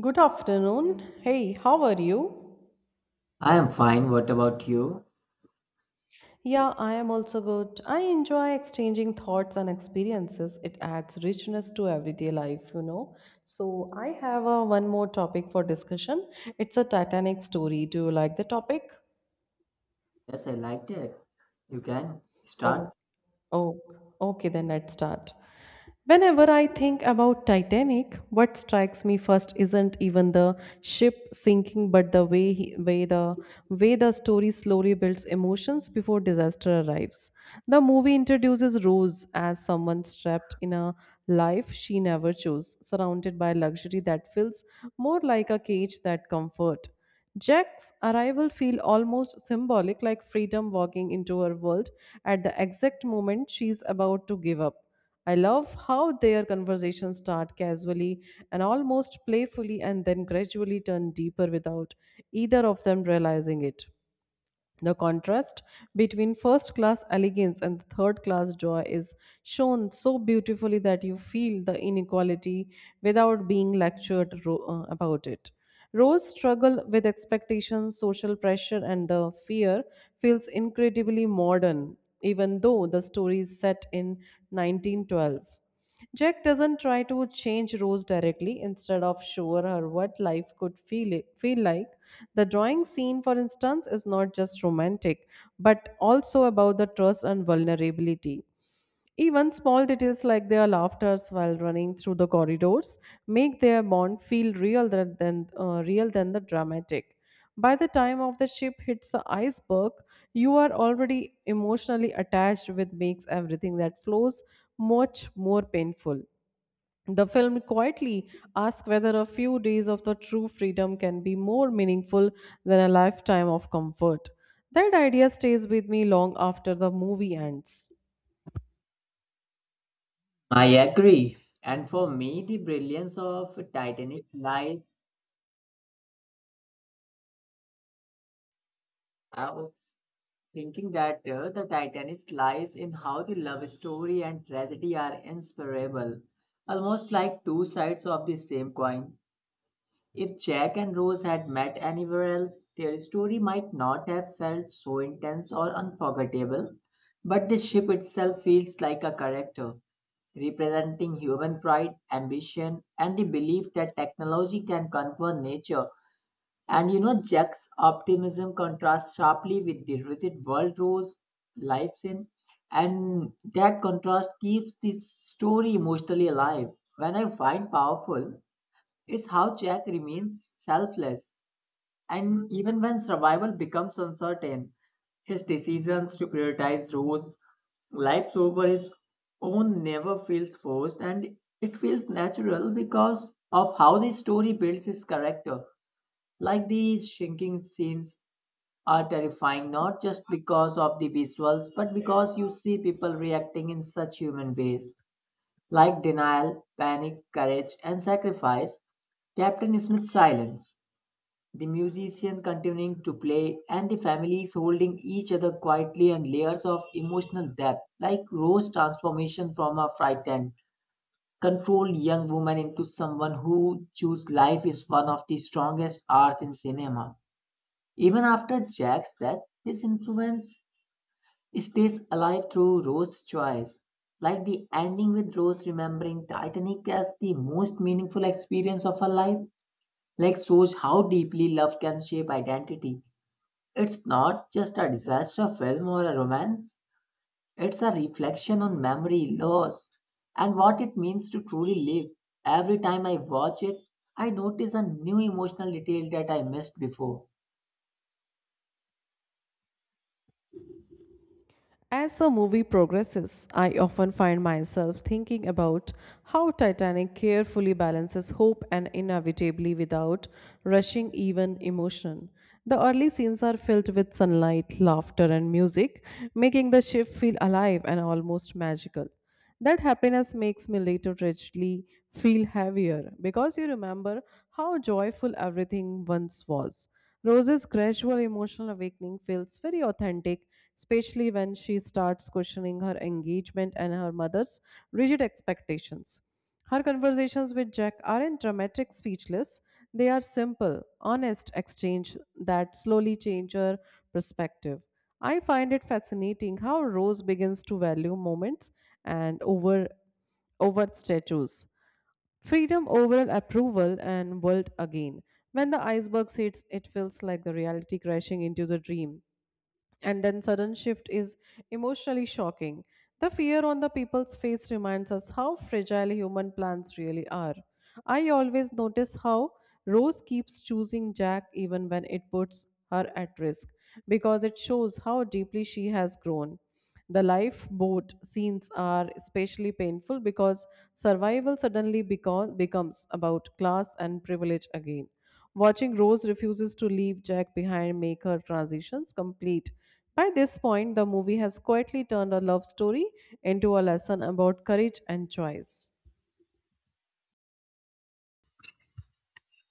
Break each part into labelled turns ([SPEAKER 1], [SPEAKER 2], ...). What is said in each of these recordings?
[SPEAKER 1] Good afternoon. Hey, how are you?
[SPEAKER 2] I am fine. What about you?
[SPEAKER 1] Yeah, I am also good. I enjoy exchanging thoughts and experiences. It adds richness to everyday life, you know. So, I have a one more topic for discussion. It's a Titanic story. Do you like the topic?
[SPEAKER 2] Yes, I liked it. You can
[SPEAKER 1] Oh,
[SPEAKER 2] start.
[SPEAKER 1] oh, okay, then let's start. Whenever I think about Titanic, what strikes me first isn't even the ship sinking, but the way, he, way the story slowly builds emotions before disaster arrives. The movie introduces Rose as someone trapped in a life she never chose, surrounded by luxury that feels more like a cage than comfort. Jack's arrival feels almost symbolic, like freedom walking into her world at the exact moment she's about to give up. I love how their conversations start casually and almost playfully and then gradually turn deeper without either of them realizing it. The contrast between first class elegance and the third class joy is shown so beautifully that you feel the inequality without being lectured about it. Rose struggle with expectations, social pressure, and the fear feels incredibly modern, even though the story is set in 1912. Jack doesn't try to change Rose directly. Instead of show her what life could feel like, the drawing scene, for instance, is not just romantic, but also about the trust and vulnerability. Even small details like their laughters while running through the corridors make their bond feel real than the dramatic. By the time of the ship hits the iceberg, you are already emotionally attached, which makes everything that flows much more painful. The film quietly asks whether a few days of the true freedom can be more meaningful than a lifetime of comfort. That idea stays with me long after the movie ends.
[SPEAKER 2] I agree. And for me, the brilliance of Titanic lies. I was thinking that the Titanic lies in how the love story and tragedy are inseparable, almost like two sides of the same coin. If Jack and Rose had met anywhere else, their story might not have felt so intense or unforgettable, but the ship itself feels like a character, representing human pride, ambition, and the belief that technology can conquer nature. And you know, Jack's optimism contrasts sharply with the rigid world Rose lives in, and that contrast keeps the story emotionally alive. When I find powerful, is how Jack remains selfless, and even when survival becomes uncertain, his decisions to prioritize Rose, lives over his own, never feels forced, and it feels natural because of how the story builds his character. Like these shrinking scenes are terrifying, not just because of the visuals, but because you see people reacting in such human ways like denial, panic, courage, and sacrifice, Captain Smith's silence, the musician continuing to play, and the families holding each other quietly and layers of emotional depth, like Rose's transformation from a frightened, controlled young woman into someone who chooses life is one of the strongest arts in cinema. Even after Jack's death, his influence stays alive through Rose's choice. Like the ending with Rose remembering Titanic as the most meaningful experience of her life, like shows how deeply love can shape identity. It's not just a disaster film or a romance, it's a reflection on memory, loss, and what it means to truly live. Every time I watch it, I notice a new emotional detail that I missed before.
[SPEAKER 1] As the movie progresses, I often find myself thinking about how Titanic carefully balances hope and inevitability without rushing even emotion. The early scenes are filled with sunlight, laughter, and music, making the ship feel alive and almost magical. That happiness makes me later richly feel heavier because you remember how joyful everything once was. Rose's gradual emotional awakening feels very authentic, especially when she starts questioning her engagement and her mother's rigid expectations. Her conversations with Jack aren't dramatic, speechless. They are simple, honest exchange that slowly change her perspective. I find it fascinating how Rose begins to value moments and over statues. Freedom over approval and world again. When the iceberg hits, it feels like the reality crashing into the dream and then sudden shift is emotionally shocking the fear on the people's face reminds us how fragile human plans really are. I always notice how Rose keeps choosing Jack even when it puts her at risk because it shows how deeply she has grown. The lifeboat scenes are especially painful because survival suddenly becomes about class and privilege again. Watching Rose refuses to leave Jack behind make her transitions complete. By this point, the movie has quietly turned a love story into a lesson about courage and choice.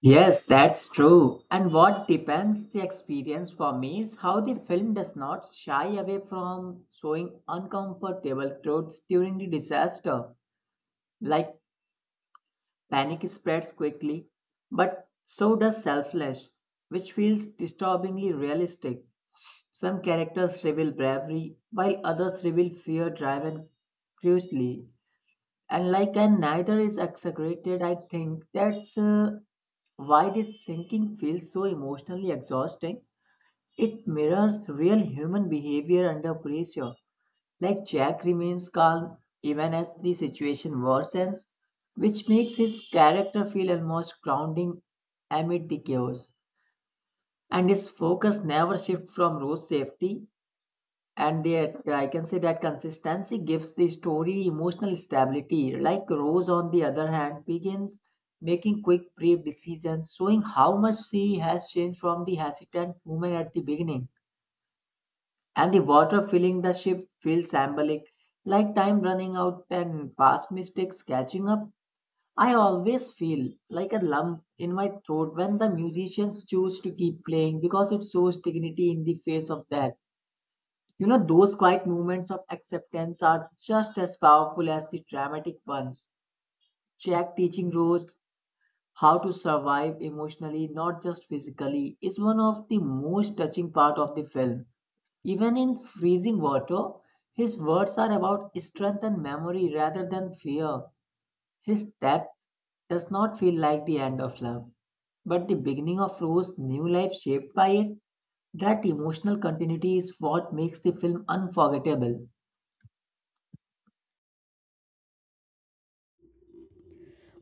[SPEAKER 2] Yes, that's true. And what depends the experience for me is how the film does not shy away from showing uncomfortable truths during the disaster, like panic spreads quickly, but so does selfless, which feels disturbingly realistic. Some characters reveal bravery, while others reveal fear driven cruelly, and like and neither is exaggerated. I think that's why this sinking feels so emotionally exhausting. It mirrors real human behavior under pressure. Like Jack remains calm even as the situation worsens, which makes his character feel almost grounding amid the chaos, and his focus never shifts from Rose's safety. And yet, I can say that consistency gives the story emotional stability. Like Rose, on the other hand, begins making quick, brave decisions, showing how much she has changed from the hesitant woman at the beginning. And the water filling the ship feels symbolic, like time running out and past mistakes catching up. I always feel like a lump in my throat when the musicians choose to keep playing because it shows dignity in the face of death. You know, those quiet moments of acceptance are just as powerful as the dramatic ones. Jack teaching Rose how to survive emotionally, not just physically, is one of the most touching part of the film. Even in freezing water, his words are about strength and memory rather than fear. His death does not feel like the end of love, but the beginning of Rose's new life shaped by it. That emotional continuity is what makes the film unforgettable.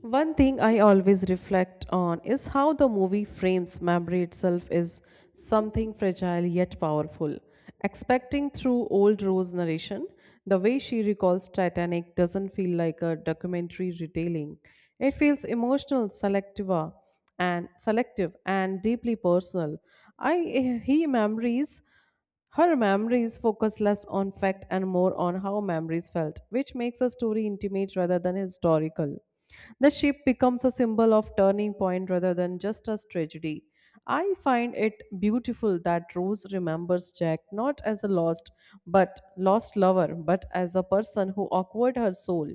[SPEAKER 1] One thing I always reflect on is how the movie frames memory itself as something fragile yet powerful. Expecting through old Rose narration, the way she recalls Titanic doesn't feel like a documentary retelling. It feels emotional, selective and deeply personal. I he memories Her memories focus less on fact and more on how memories felt, which makes a story intimate rather than historical. The ship becomes a symbol of turning point rather than just a tragedy. I find it beautiful that Rose remembers Jack not as a lost but lost lover, but as a person who awkward her soul.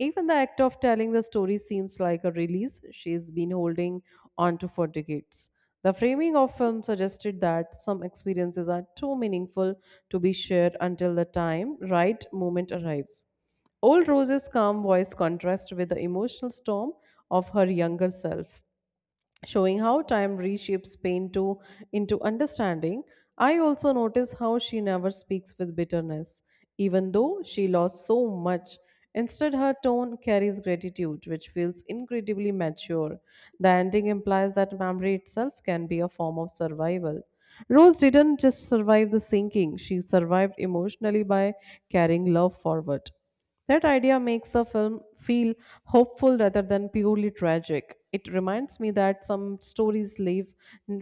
[SPEAKER 1] Even the act of telling the story seems like a release she's been holding onto for decades. The framing of film suggested that some experiences are too meaningful to be shared until the time right moment arrives. Old Rose's calm voice contrasts with the emotional storm of her younger self showing how time reshapes pain to into understanding. I also notice how she never speaks with bitterness even though she lost so much. Instead, her tone carries gratitude which feels incredibly mature. The ending implies that memory itself can be a form of survival. Rose didn't just survive the sinking, she survived emotionally by carrying love forward. That idea makes the film feel hopeful rather than purely tragic. It reminds me that some stories live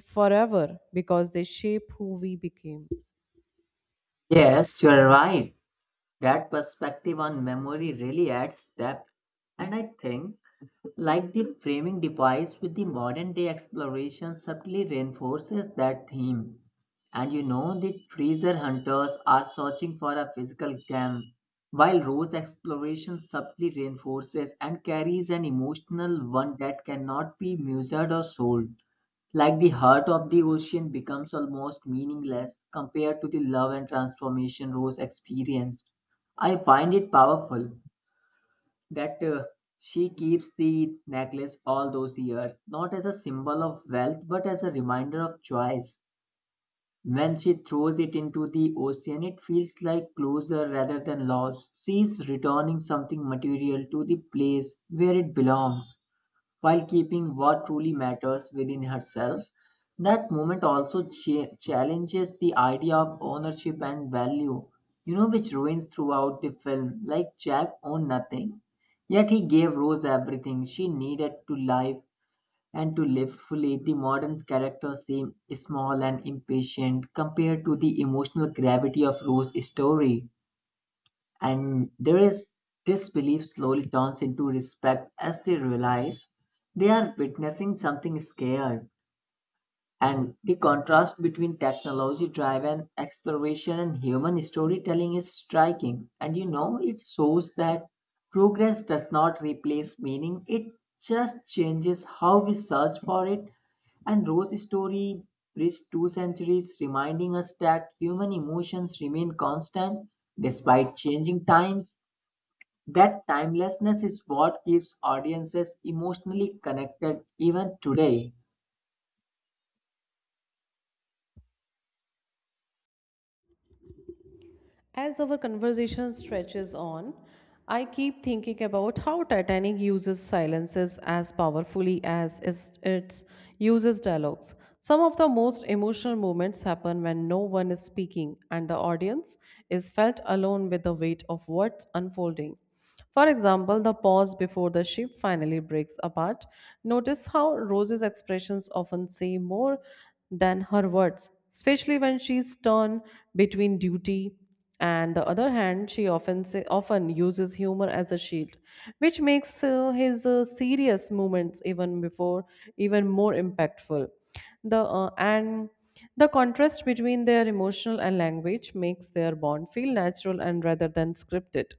[SPEAKER 1] forever because they shape who we became.
[SPEAKER 2] Yes, you're right. That perspective on memory really adds depth. And I think like the framing device with the modern day exploration subtly reinforces that theme. And you know, the treasure hunters are searching for a physical gem, while Rose's exploration subtly reinforces and carries an emotional one that cannot be measured or sold. Like the heart of the ocean becomes almost meaningless compared to the love and transformation Rose experienced. I find it powerful that she keeps the necklace all those years, not as a symbol of wealth, but as a reminder of choice. When she throws it into the ocean, it feels like closure rather than loss. She is returning something material to the place where it belongs while keeping what truly matters within herself. That moment also challenges the idea of ownership and value, you know, which ruins throughout the film. Like Jack owned nothing, yet he gave Rose everything she needed to live and to live fully. The modern characters seem small and impatient compared to the emotional gravity of Rose's story. And there is this belief slowly turns into respect as they realize they are witnessing something scared. And the contrast between technology driven exploration and human storytelling is striking. And you know, it shows that progress does not replace meaning, it just changes how we search for it. And Rose's story bridged two centuries, reminding us that human emotions remain constant despite changing times. That timelessness is what keeps audiences emotionally connected even today.
[SPEAKER 1] As our conversation stretches on, I keep thinking about how Titanic uses silences as powerfully as it uses dialogues. Some of the most emotional moments happen when no one is speaking and the audience is felt alone with the weight of what's unfolding. For example, the pause before the ship finally breaks apart. Notice how Rose's expressions often say more than her words, especially when she's torn between duty and the other hand, she often uses humor as a shield, which makes his serious moments even more impactful. The uh, and the contrast between their emotional and language makes their bond feel natural and rather than scripted.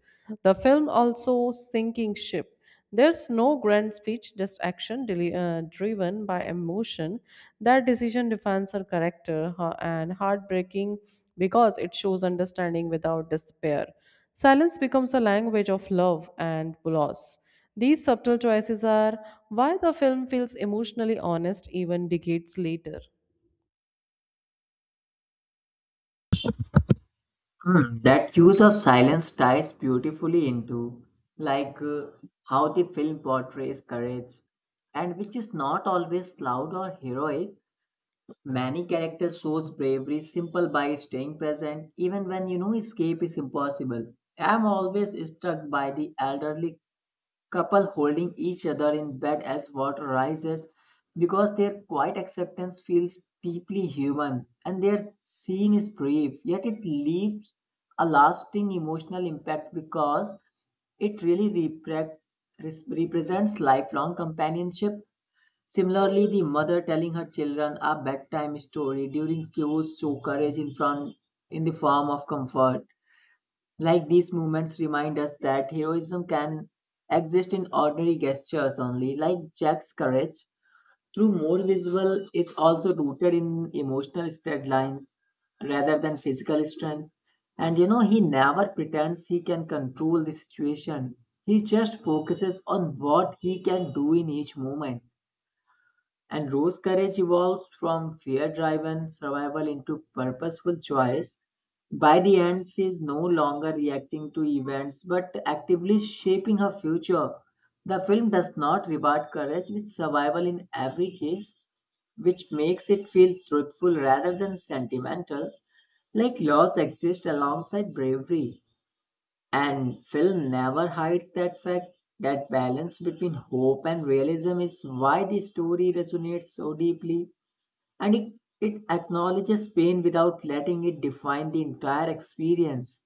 [SPEAKER 1] The film also sinking ship there's no grand speech, just action driven by emotion. That decision defines her character and heartbreaking because it shows understanding without despair. Silence becomes a language of love and loss. These subtle choices are why the film feels emotionally honest even decades later.
[SPEAKER 2] Hmm, that use of silence ties beautifully into, like, uh, how the film portrays courage, and which is not always loud or heroic. Many characters shows bravery simple by staying present even when you know escape is impossible. I am always struck by the elderly couple holding each other in bed as water rises because their quiet acceptance feels deeply human, and their scene is brief, yet it leaves a lasting emotional impact because it really represents lifelong companionship. Similarly, the mother telling her children a bedtime story during cues show courage in front in the form of comfort. Like these moments remind us that heroism can exist in ordinary gestures only. Like Jack's courage, through more visual, is also rooted in emotional state lines rather than physical strength. And you know, he never pretends he can control the situation. He just focuses on what he can do in each moment, and Rose' courage evolves from fear driven survival into purposeful choice. By the end, she is no longer reacting to events but actively shaping her future. The film does not reward courage with survival in every case, which makes it feel truthful rather than sentimental, like loss exists alongside bravery. And film never hides that fact. That balance between hope and realism is why the story resonates so deeply. And it, it acknowledges pain without letting it define the entire experience.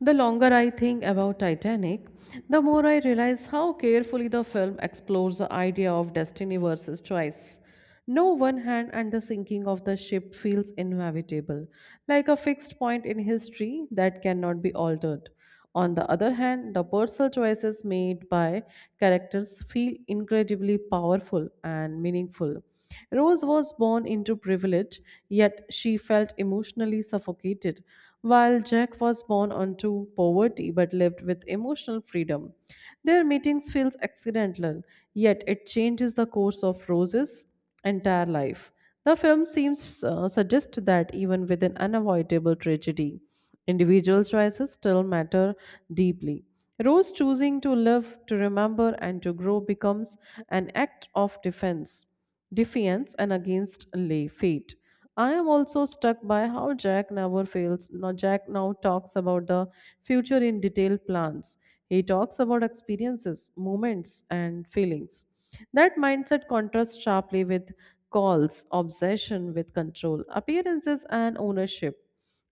[SPEAKER 1] The longer I think about Titanic, the more I realize how carefully the film explores the idea of destiny versus choice. No one hand and the sinking of the ship feels inevitable, like a fixed point in history that cannot be altered. On the other hand, the personal choices made by characters feel incredibly powerful and meaningful. Rose was born into privilege, yet she felt emotionally suffocated, while Jack was born onto poverty but lived with emotional freedom. Their meetings feels accidental, yet it changes the course of Rose's entire life. The film seems suggest that even with an unavoidable tragedy, individual choices still matter deeply. Rose choosing to live, to remember, and to grow becomes an act of defiance, and against lay fate. I am also struck by how Jack never fails. Now Jack now talks about the future in detailed plans. He talks about experiences, moments, and feelings. That mindset contrasts sharply with calls, obsession with control, appearances, and ownership.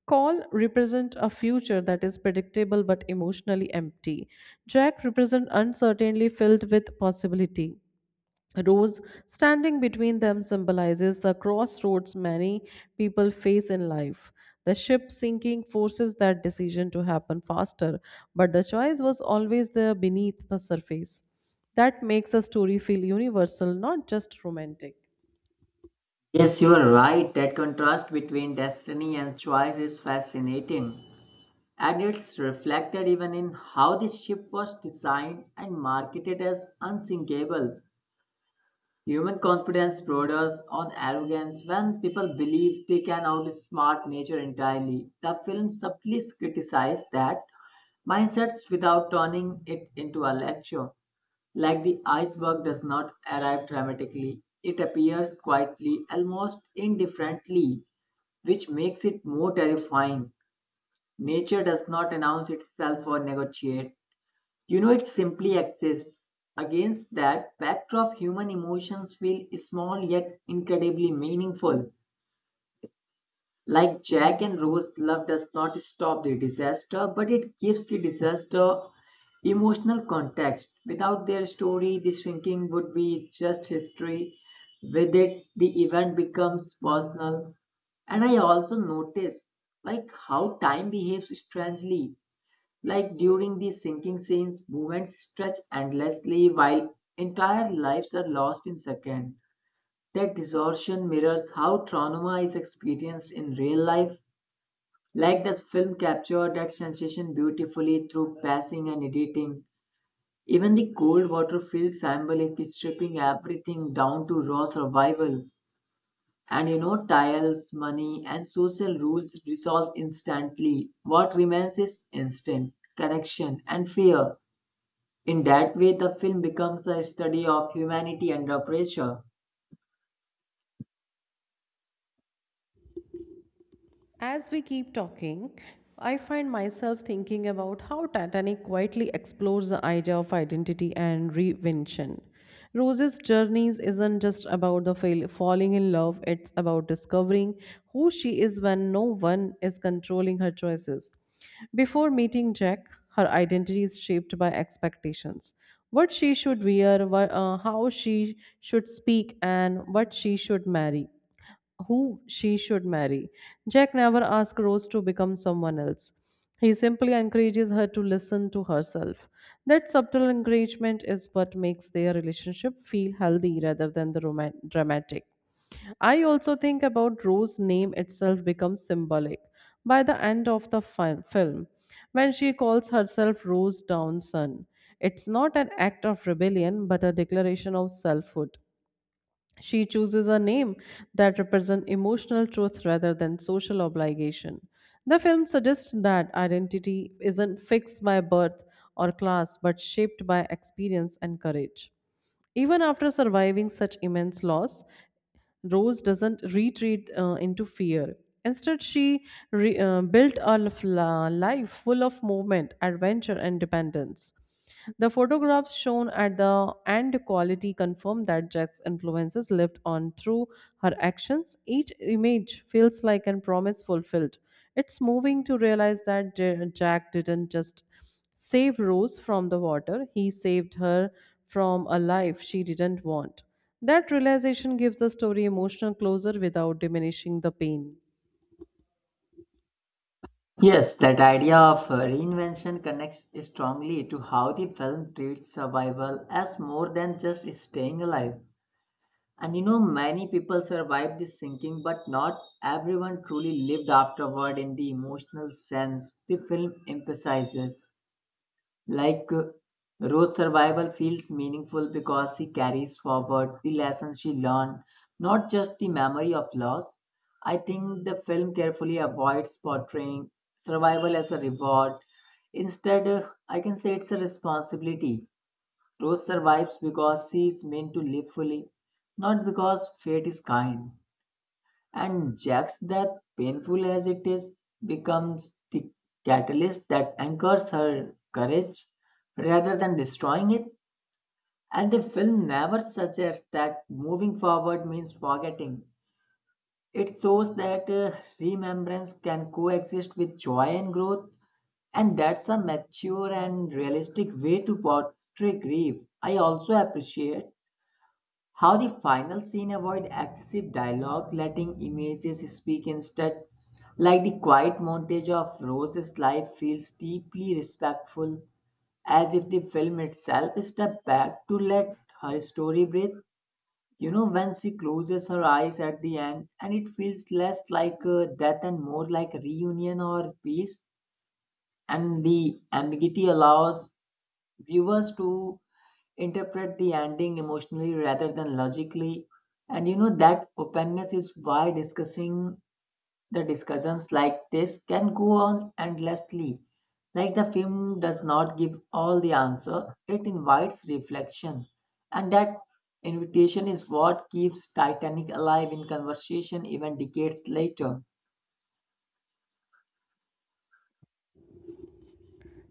[SPEAKER 1] Call represent a future that is predictable but emotionally empty. Jack represent uncertainty filled with possibility. Rose standing between them symbolizes the crossroads many people face in life. The ship sinking forces that decision to happen faster, but the choice was always there beneath the surface. That makes a story feel universal, not just romantic.
[SPEAKER 2] Yes, you are right. That contrast between destiny and choice is fascinating. And it's reflected even in how this ship was designed and marketed as unsinkable. Human confidence borders on arrogance when people believe they can outsmart nature entirely. The film subtly criticized that mindsets without turning it into a lecture. Like the iceberg does not arrive dramatically, it appears quietly, almost indifferently, which makes it more terrifying. Nature does not announce itself or negotiate. You know, it simply exists. Against that backdrop, human emotions feel small yet incredibly meaningful. Like Jack and Rose, love does not stop the disaster, but it gives the disaster emotional context. Without their story, the shrinking would be just history. With it, the event becomes personal. And I also notice like how time behaves strangely. Like during the sinking scenes, movements stretch endlessly while entire lives are lost in seconds. That distortion mirrors how trauma is experienced in real life. Like the film captured that sensation beautifully through passing and editing. Even the cold water feels symbolic, stripping everything down to raw survival. And you know, tiles, money, and social rules dissolve instantly. What remains is instant connection and fear. In that way, the film becomes a study of humanity under pressure.
[SPEAKER 1] As we keep talking, I find myself thinking about how Titanic quietly explores the idea of identity and reinvention. Rose's journeys isn't just about falling in love, it's about discovering who she is when no one is controlling her choices. Before meeting Jack, her identity is shaped by expectations. What she should wear, how she should speak, and what she should marry who she should marry. Jack never asks Rose to become someone else. He simply encourages her to listen to herself. That subtle encouragement is what makes their relationship feel healthy rather than dramatic. I also think about Rose's name itself becomes symbolic by the end of film when she calls herself Rose Downson. It's not an act of rebellion but a declaration of selfhood. She chooses a name that represents emotional truth rather than social obligation. The film suggests that identity isn't fixed by birth or class but shaped by experience and courage. Even after surviving such immense loss, Rose doesn't retreat into fear. Instead, she built a life full of movement, adventure, and dependence. The photographs shown at the end quality confirm that Jack's influences lived on through her actions. Each image feels like a promise fulfilled. It's moving to realize that Jack didn't just save Rose from the water. He saved her from a life she didn't want. That realization gives the story emotional closure without diminishing the pain.
[SPEAKER 2] Yes, that idea of reinvention connects strongly to how the film treats survival as more than just staying alive. And you know, many people survived the sinking, but not everyone truly lived afterward in the emotional sense the film emphasizes. Like uh, Rose's survival feels meaningful because she carries forward the lessons she learned, not just the memory of loss. I think the film carefully avoids portraying survival as a reward. Instead, I can say it's a responsibility. Rose survives because she is meant to live fully, not because fate is kind. And Jack's death, painful as it is, becomes the catalyst that anchors her courage rather than destroying it. And the film never suggests that moving forward means forgetting. It shows that remembrance can coexist with joy and growth, and that's a mature and realistic way to portray grief. I also appreciate how the final scene avoid excessive dialogue, letting images speak instead, like the quiet montage of Rose's life feels deeply respectful, as if the film itself stepped back to let her story breathe. You know, when she closes her eyes at the end, and it feels less like a death and more like a reunion or peace, and the ambiguity allows viewers to interpret the ending emotionally rather than logically. And you know, that openness is why discussing the discussions like this can go on endlessly. Like the film does not give all the answer, it invites reflection, and that invitation is what keeps Titanic alive in conversation even decades later.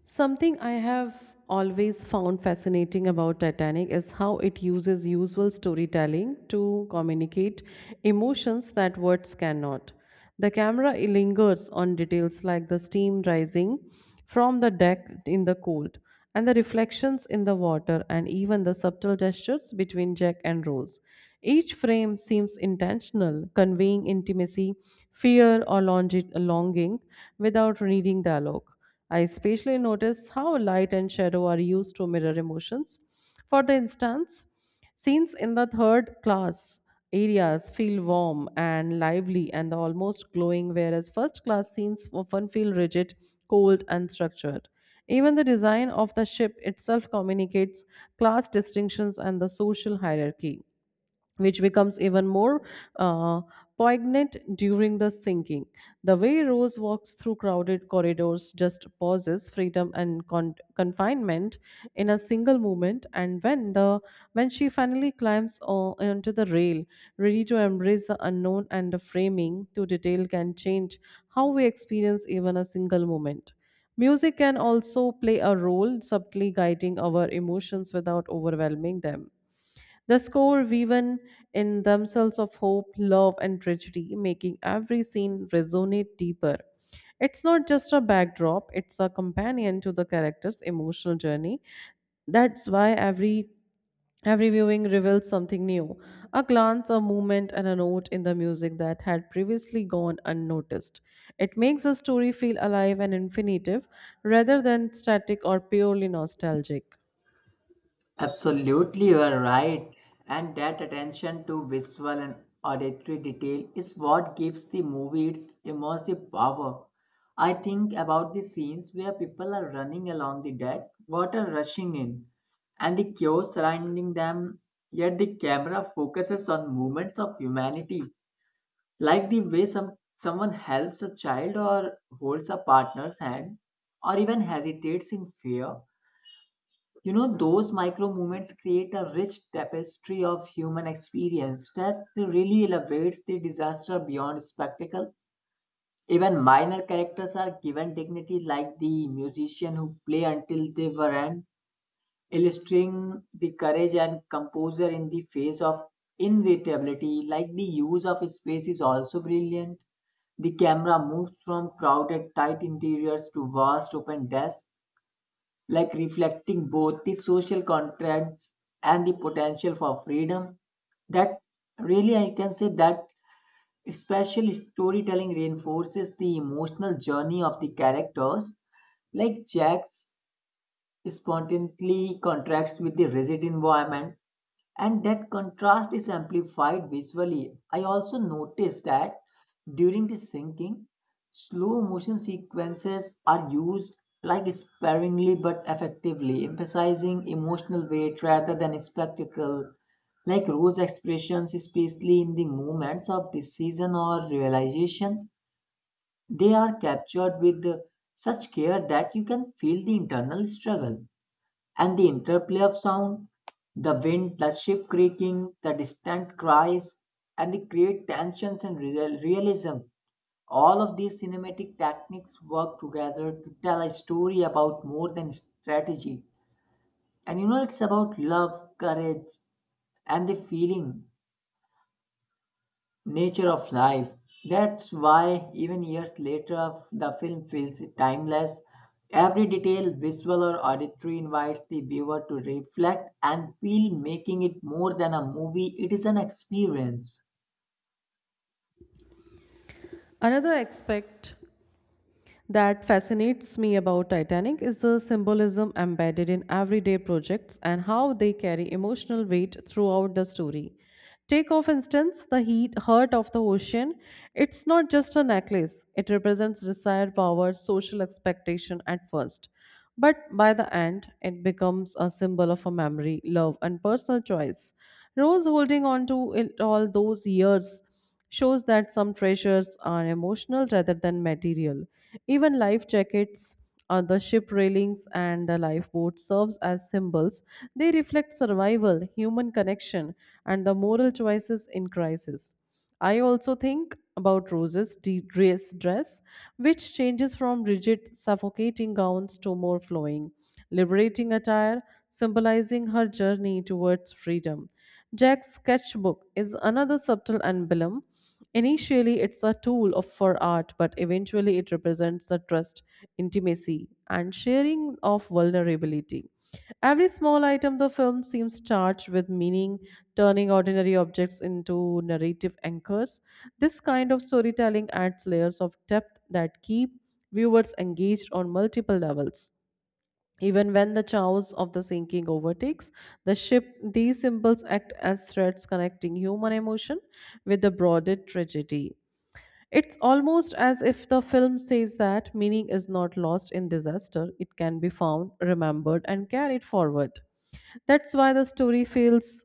[SPEAKER 1] Something I have always found fascinating about Titanic is how it uses usual storytelling to communicate emotions that words cannot. The camera lingers on details like the steam rising from the deck in the cold, and the reflections in the water, and even the subtle gestures between Jack and Rose. Each frame seems intentional, conveying intimacy, fear, or longing without needing dialogue. I especially notice how light and shadow are used to mirror emotions. For the instance, scenes in the third class areas feel warm and lively and almost glowing, whereas first class scenes often feel rigid, cold, and structured. Even the design of the ship itself communicates class distinctions and the social hierarchy which becomes even more uh, poignant during the sinking. The way Rose walks through crowded corridors just pauses freedom and confinement in a single moment. And when she finally climbs onto the rail, ready to embrace the unknown and the framing to detail can change how we experience even a single moment. Music can also play a role, subtly guiding our emotions without overwhelming them. The score woven in themselves of hope, love, and tragedy, making every scene resonate deeper. It's not just a backdrop, it's a companion to the character's emotional journey. That's why every viewing reveals something new, a glance, a movement, and a note in the music that had previously gone unnoticed. It makes the story feel alive and infinitive rather than static or purely nostalgic.
[SPEAKER 2] Absolutely, you are right. And that attention to visual and auditory detail is what gives the movie its immersive power. I think about the scenes where people are running along the deck, water rushing in, and the chaos surrounding them, yet the camera focuses on movements of humanity, like the way someone helps a child or holds a partner's hand, or even hesitates in fear. You know, those micro movements create a rich tapestry of human experience that really elevates the disaster beyond spectacle. Even minor characters are given dignity, like the musician who play until they were end, illustrating the courage and composure in the face of inevitability. Like the use of space is also brilliant. The camera moves from crowded, tight interiors to vast open desks, like reflecting both the social contracts and the potential for freedom. That I can say that special storytelling reinforces the emotional journey of the characters, like Jack's spontaneously contracts with the rigid environment, and that contrast is amplified visually. I also noticed that during the sinking, slow motion sequences are used like sparingly but effectively, emphasizing emotional weight rather than spectacle. Like Rose's expressions, especially in the moments of decision or realization, they are captured with such care that you can feel the internal struggle. And the interplay of sound, the wind, the ship creaking, the distant cries, and the create tensions and realism. All of these cinematic techniques work together to tell a story about more than strategy. And you know, it's about love, courage, and the feeling nature of life. That's why, even years later, the film feels timeless. Every detail, visual or auditory, invites the viewer to reflect and feel, making it more than a movie, it is an experience.
[SPEAKER 1] Another aspect that fascinates me about Titanic is the symbolism embedded in everyday projects and how they carry emotional weight throughout the story. Take, for instance, heart of the ocean. It's not just a necklace, it represents desire, power, social expectation at first. But by the end, it becomes a symbol of a memory, love, and personal choice. Rose holding on to it all those years shows that some treasures are emotional rather than material. Even life jackets on the ship railings and the lifeboat serves as symbols. They reflect survival, human connection, and the moral choices in crisis. I also think about dress, which changes from rigid, suffocating gowns to more flowing, liberating attire, symbolizing her journey towards freedom. Jack's sketchbook is another subtle emblem. Initially, it's a for art, but eventually, it represents the trust, intimacy, and sharing of vulnerability. Every small item the film seems charged with meaning, turning ordinary objects into narrative anchors. This kind of storytelling adds layers of depth that keep viewers engaged on multiple levels. Even when the chaos of the sinking overtakes the ship, these symbols act as threads connecting human emotion with the broader tragedy. It's almost as if the film says that meaning is not lost in disaster, it can be found, remembered, and carried forward. That's why the story feels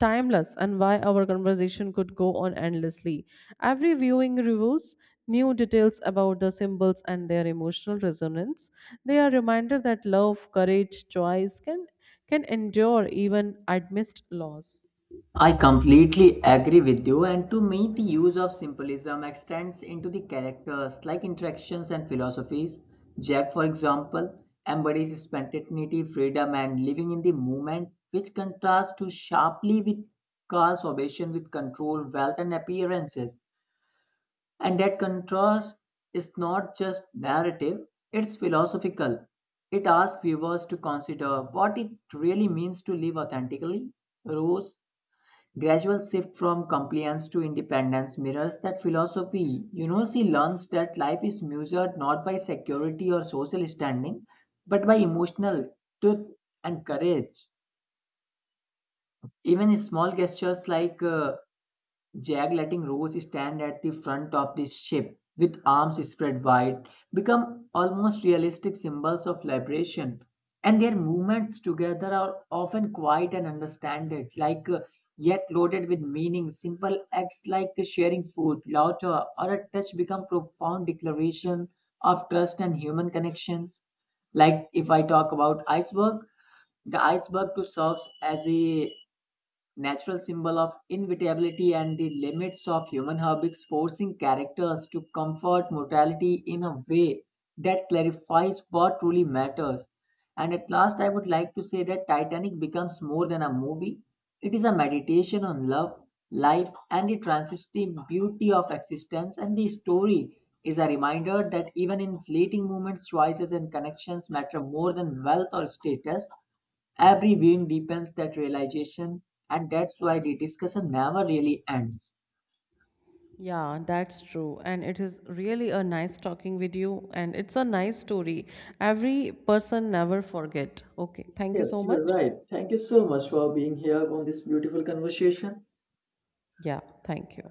[SPEAKER 1] timeless and why our conversation could go on endlessly. Every viewing reveals new details about the symbols and their emotional resonance. They are reminder that love, courage, choice can endure even amidst loss.
[SPEAKER 2] I completely agree with you, and to me, the use of symbolism extends into the characters like interactions and philosophies. Jack, for example, embodies spontaneity, freedom, and living in the moment, which contrasts too sharply with Carl's obsession with control, wealth, and appearances. And that contrast is not just narrative, it's philosophical. It asks viewers to consider what it really means to live authentically. Rose gradual shift from compliance to independence mirrors that philosophy. You know, she learns that life is measured not by security or social standing, but by emotional truth and courage. Even small gestures like Jag letting Rose stand at the front of the ship with arms spread wide become almost realistic symbols of liberation. And their movements together are often quiet and understanded, like yet loaded with meaning. Simple acts like sharing food, laughter, or a touch become profound declaration of trust and human connections. Like if I talk about iceberg, the iceberg too serves as a natural symbol of inevitability and the limits of human habits, forcing characters to comfort mortality in a way that clarifies what truly matters. And at last, I would like to say that Titanic becomes more than a movie, it is a meditation on love, life, and the transitive beauty of existence. And the story is a reminder that even in fleeting moments, choices and connections matter more than wealth or status. Every viewing deepens that realization, and that's why the discussion never really ends.
[SPEAKER 1] Yeah, that's true. And it is really a nice talking with you and it's a nice story. Every person never forget. Okay, thank you so
[SPEAKER 2] Yes, you are
[SPEAKER 1] much.
[SPEAKER 2] right. Thank you so much for being here on this beautiful conversation.
[SPEAKER 1] Yeah, thank you.